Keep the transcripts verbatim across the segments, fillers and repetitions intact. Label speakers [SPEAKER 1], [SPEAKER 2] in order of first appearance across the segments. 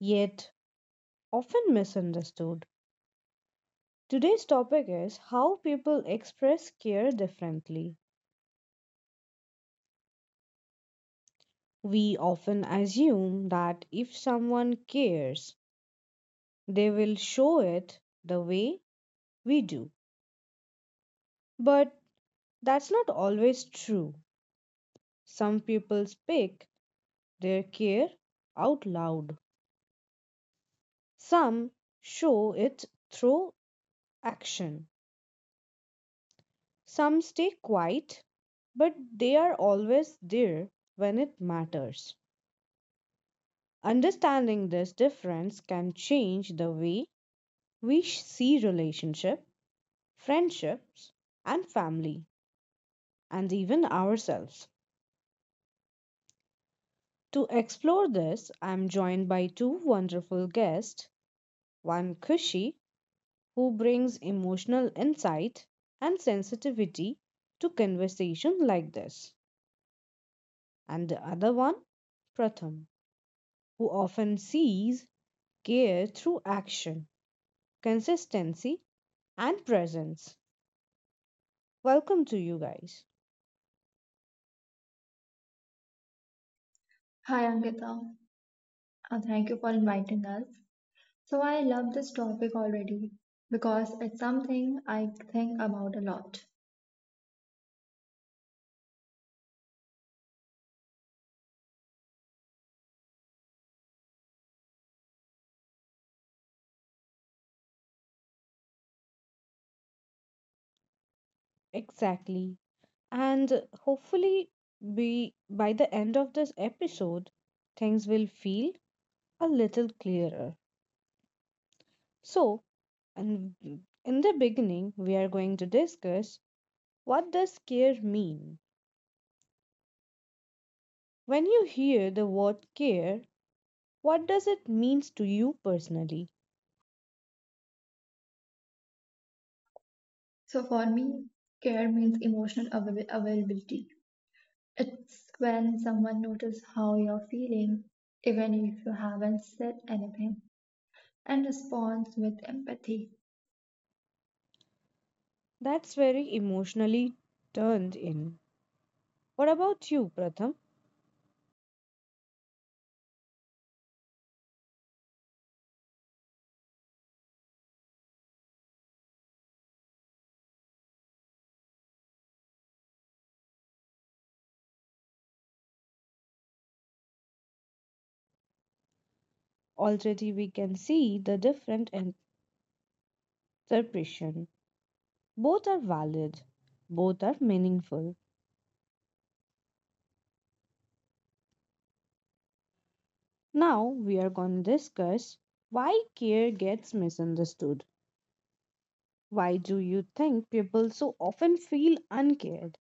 [SPEAKER 1] yet often misunderstood. Today's topic is how people express care differently. We often assume that if someone cares, they will show it the way we do, but that's not always true. Some people speak their care out loud, some show it through action, some stay quiet, but they are always there when it matters. Understanding this difference can change the way we sh- see relationship, friendships, and family, and even ourselves. To explore this, I am joined by two wonderful guests, one Kushi who brings emotional insight and sensitivity to conversation like this. And the other one, Pratham, who often sees care through action, consistency, and presence. Welcome to you guys.
[SPEAKER 2] Hi Ankita, Uh, thank you for inviting us. So I love this topic already because it's something I think about a lot.
[SPEAKER 1] Exactly. And hopefully, we, by the end of this episode, things will feel a little clearer. So, and in the beginning, we are going to discuss what does care mean? When you hear the word care, what does it means to you personally?
[SPEAKER 2] So for me, care means emotional avail- availability. It's when someone notices how you're feeling, even if you haven't said anything, and responds with empathy.
[SPEAKER 1] That's very emotionally turned in. What about you, Pratham? Already we can see the different interpretation. Both are valid. Both are meaningful. Now we are going to discuss why care gets misunderstood. Why do you think people so often feel uncared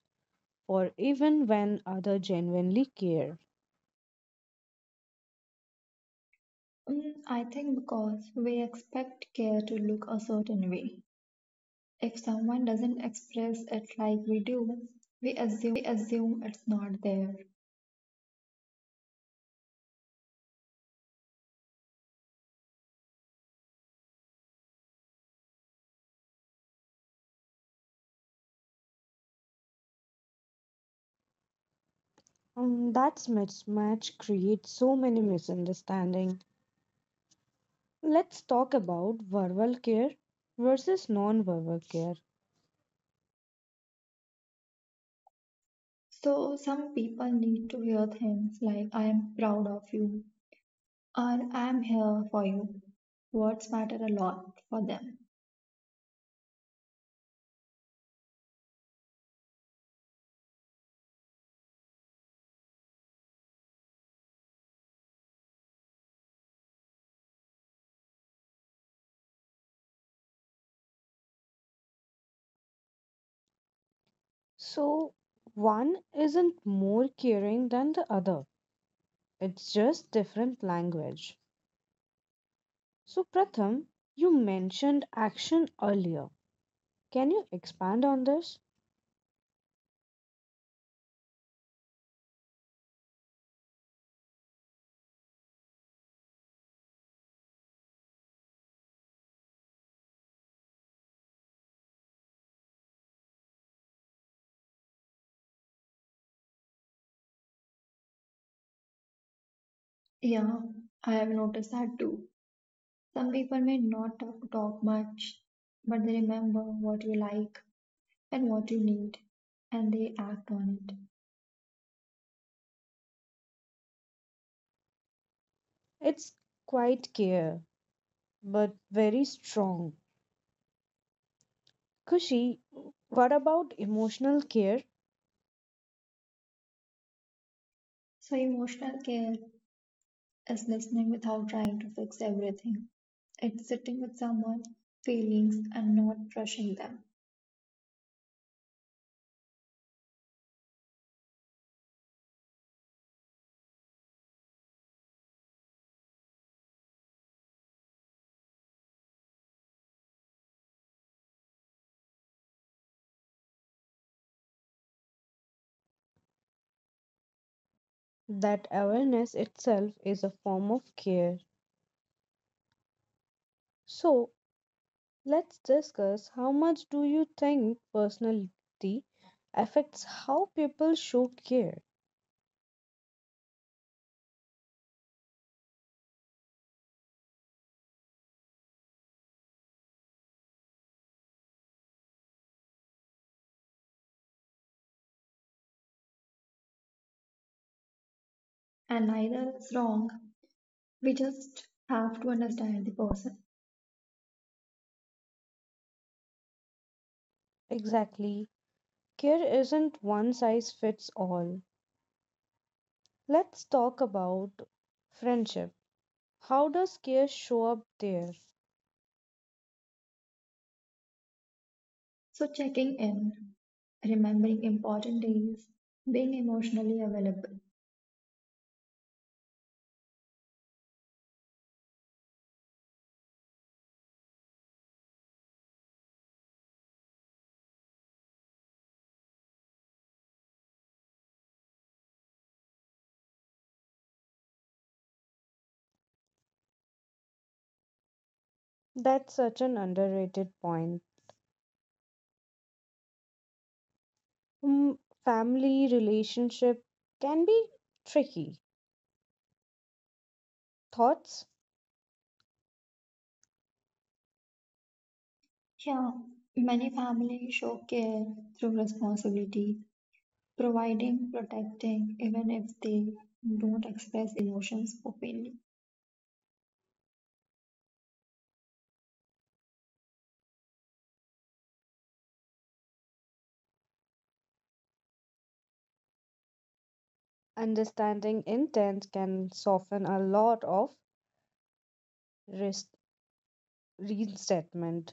[SPEAKER 1] or even when others genuinely care?
[SPEAKER 2] Mm, I think because we expect care to look a certain way. If someone doesn't express it like we do, we assume it's not there.
[SPEAKER 1] Um, that mismatch creates so many misunderstandings. Let's talk about verbal care versus non-verbal care.
[SPEAKER 2] So some people need to hear things like I am proud of you or I am here for you. Words matter a lot for them.
[SPEAKER 1] So, one isn't more caring than the other. It's just different language. So, Pratham, you mentioned action earlier. Can you expand on this?
[SPEAKER 2] Yeah, I have noticed that too. Some people may not talk, talk much, but they remember what you like and what you need and they act on it.
[SPEAKER 1] It's quite care, but very strong. Kushi, what about emotional care
[SPEAKER 2] So emotional care is listening without trying to fix everything. It's sitting with someone's feelings and not rushing them.
[SPEAKER 1] that awareness itself is a form of care. So, let's discuss how much do you think personality affects how people show care?
[SPEAKER 2] And neither is wrong. We just have to understand the person.
[SPEAKER 1] Exactly. Care isn't one size fits all. Let's talk about friendship. How does care show up there?
[SPEAKER 2] So, checking in, remembering important days, being emotionally available.
[SPEAKER 1] That's such an underrated point. Mm, family relationship can be tricky. Thoughts?
[SPEAKER 2] Yeah, many families show care through responsibility, providing, protecting, even if they don't express emotions openly.
[SPEAKER 1] Understanding intent can soften a lot of rest- resentment.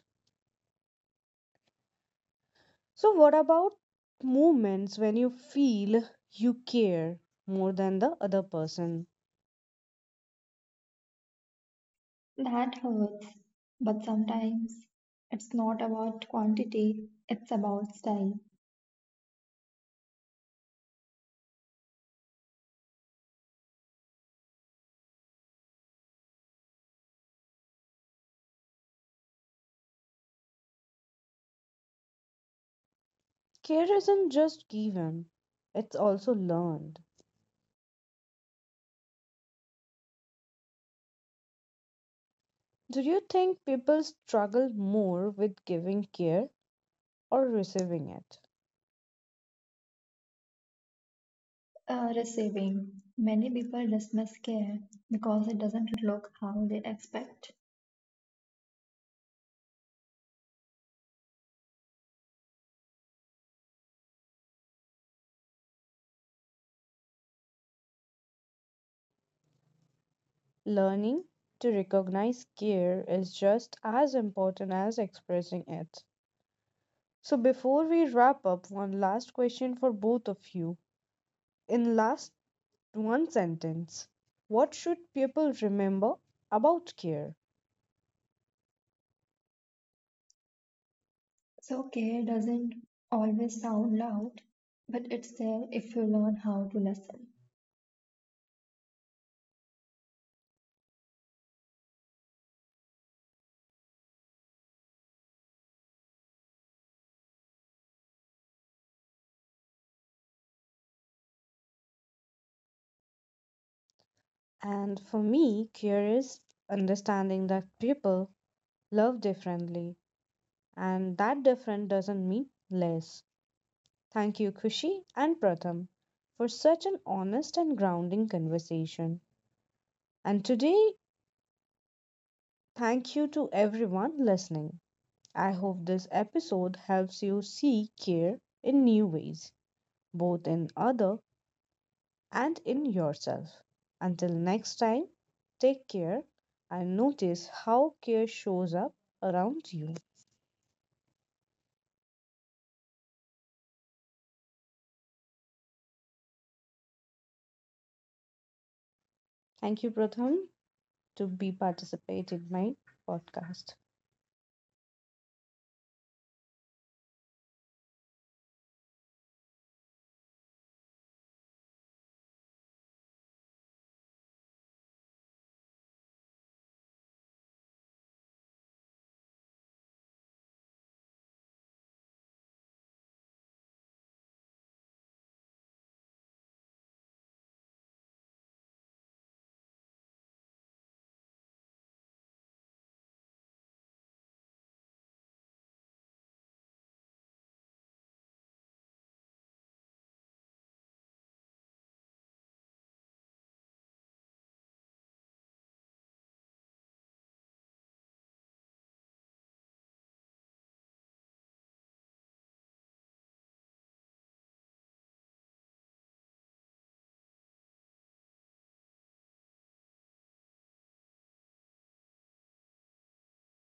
[SPEAKER 1] So, what about moments when you feel you care more than the other person?
[SPEAKER 2] That hurts, but sometimes it's not about quantity, it's about style.
[SPEAKER 1] Care isn't just given, it's also learned. Do you think people struggle more with giving care or receiving it?
[SPEAKER 2] Uh, receiving. Many people dismiss care because it doesn't look how they expect.
[SPEAKER 1] Learning to recognize care is just as important as expressing it. So before we wrap up, one last question for both of you. In last one sentence, what should people remember about care?
[SPEAKER 2] So care doesn't always sound loud, but it's there if you learn how to listen.
[SPEAKER 1] And for me, care is understanding that people love differently and that different doesn't mean less. Thank you Kushi and Pratham for such an honest and grounding conversation. And today, thank you to everyone listening. I hope this episode helps you see care in new ways, both in other and in yourself. Until next time, take care and notice how care shows up around you. Thank you, Pratham, to be participating in my podcast.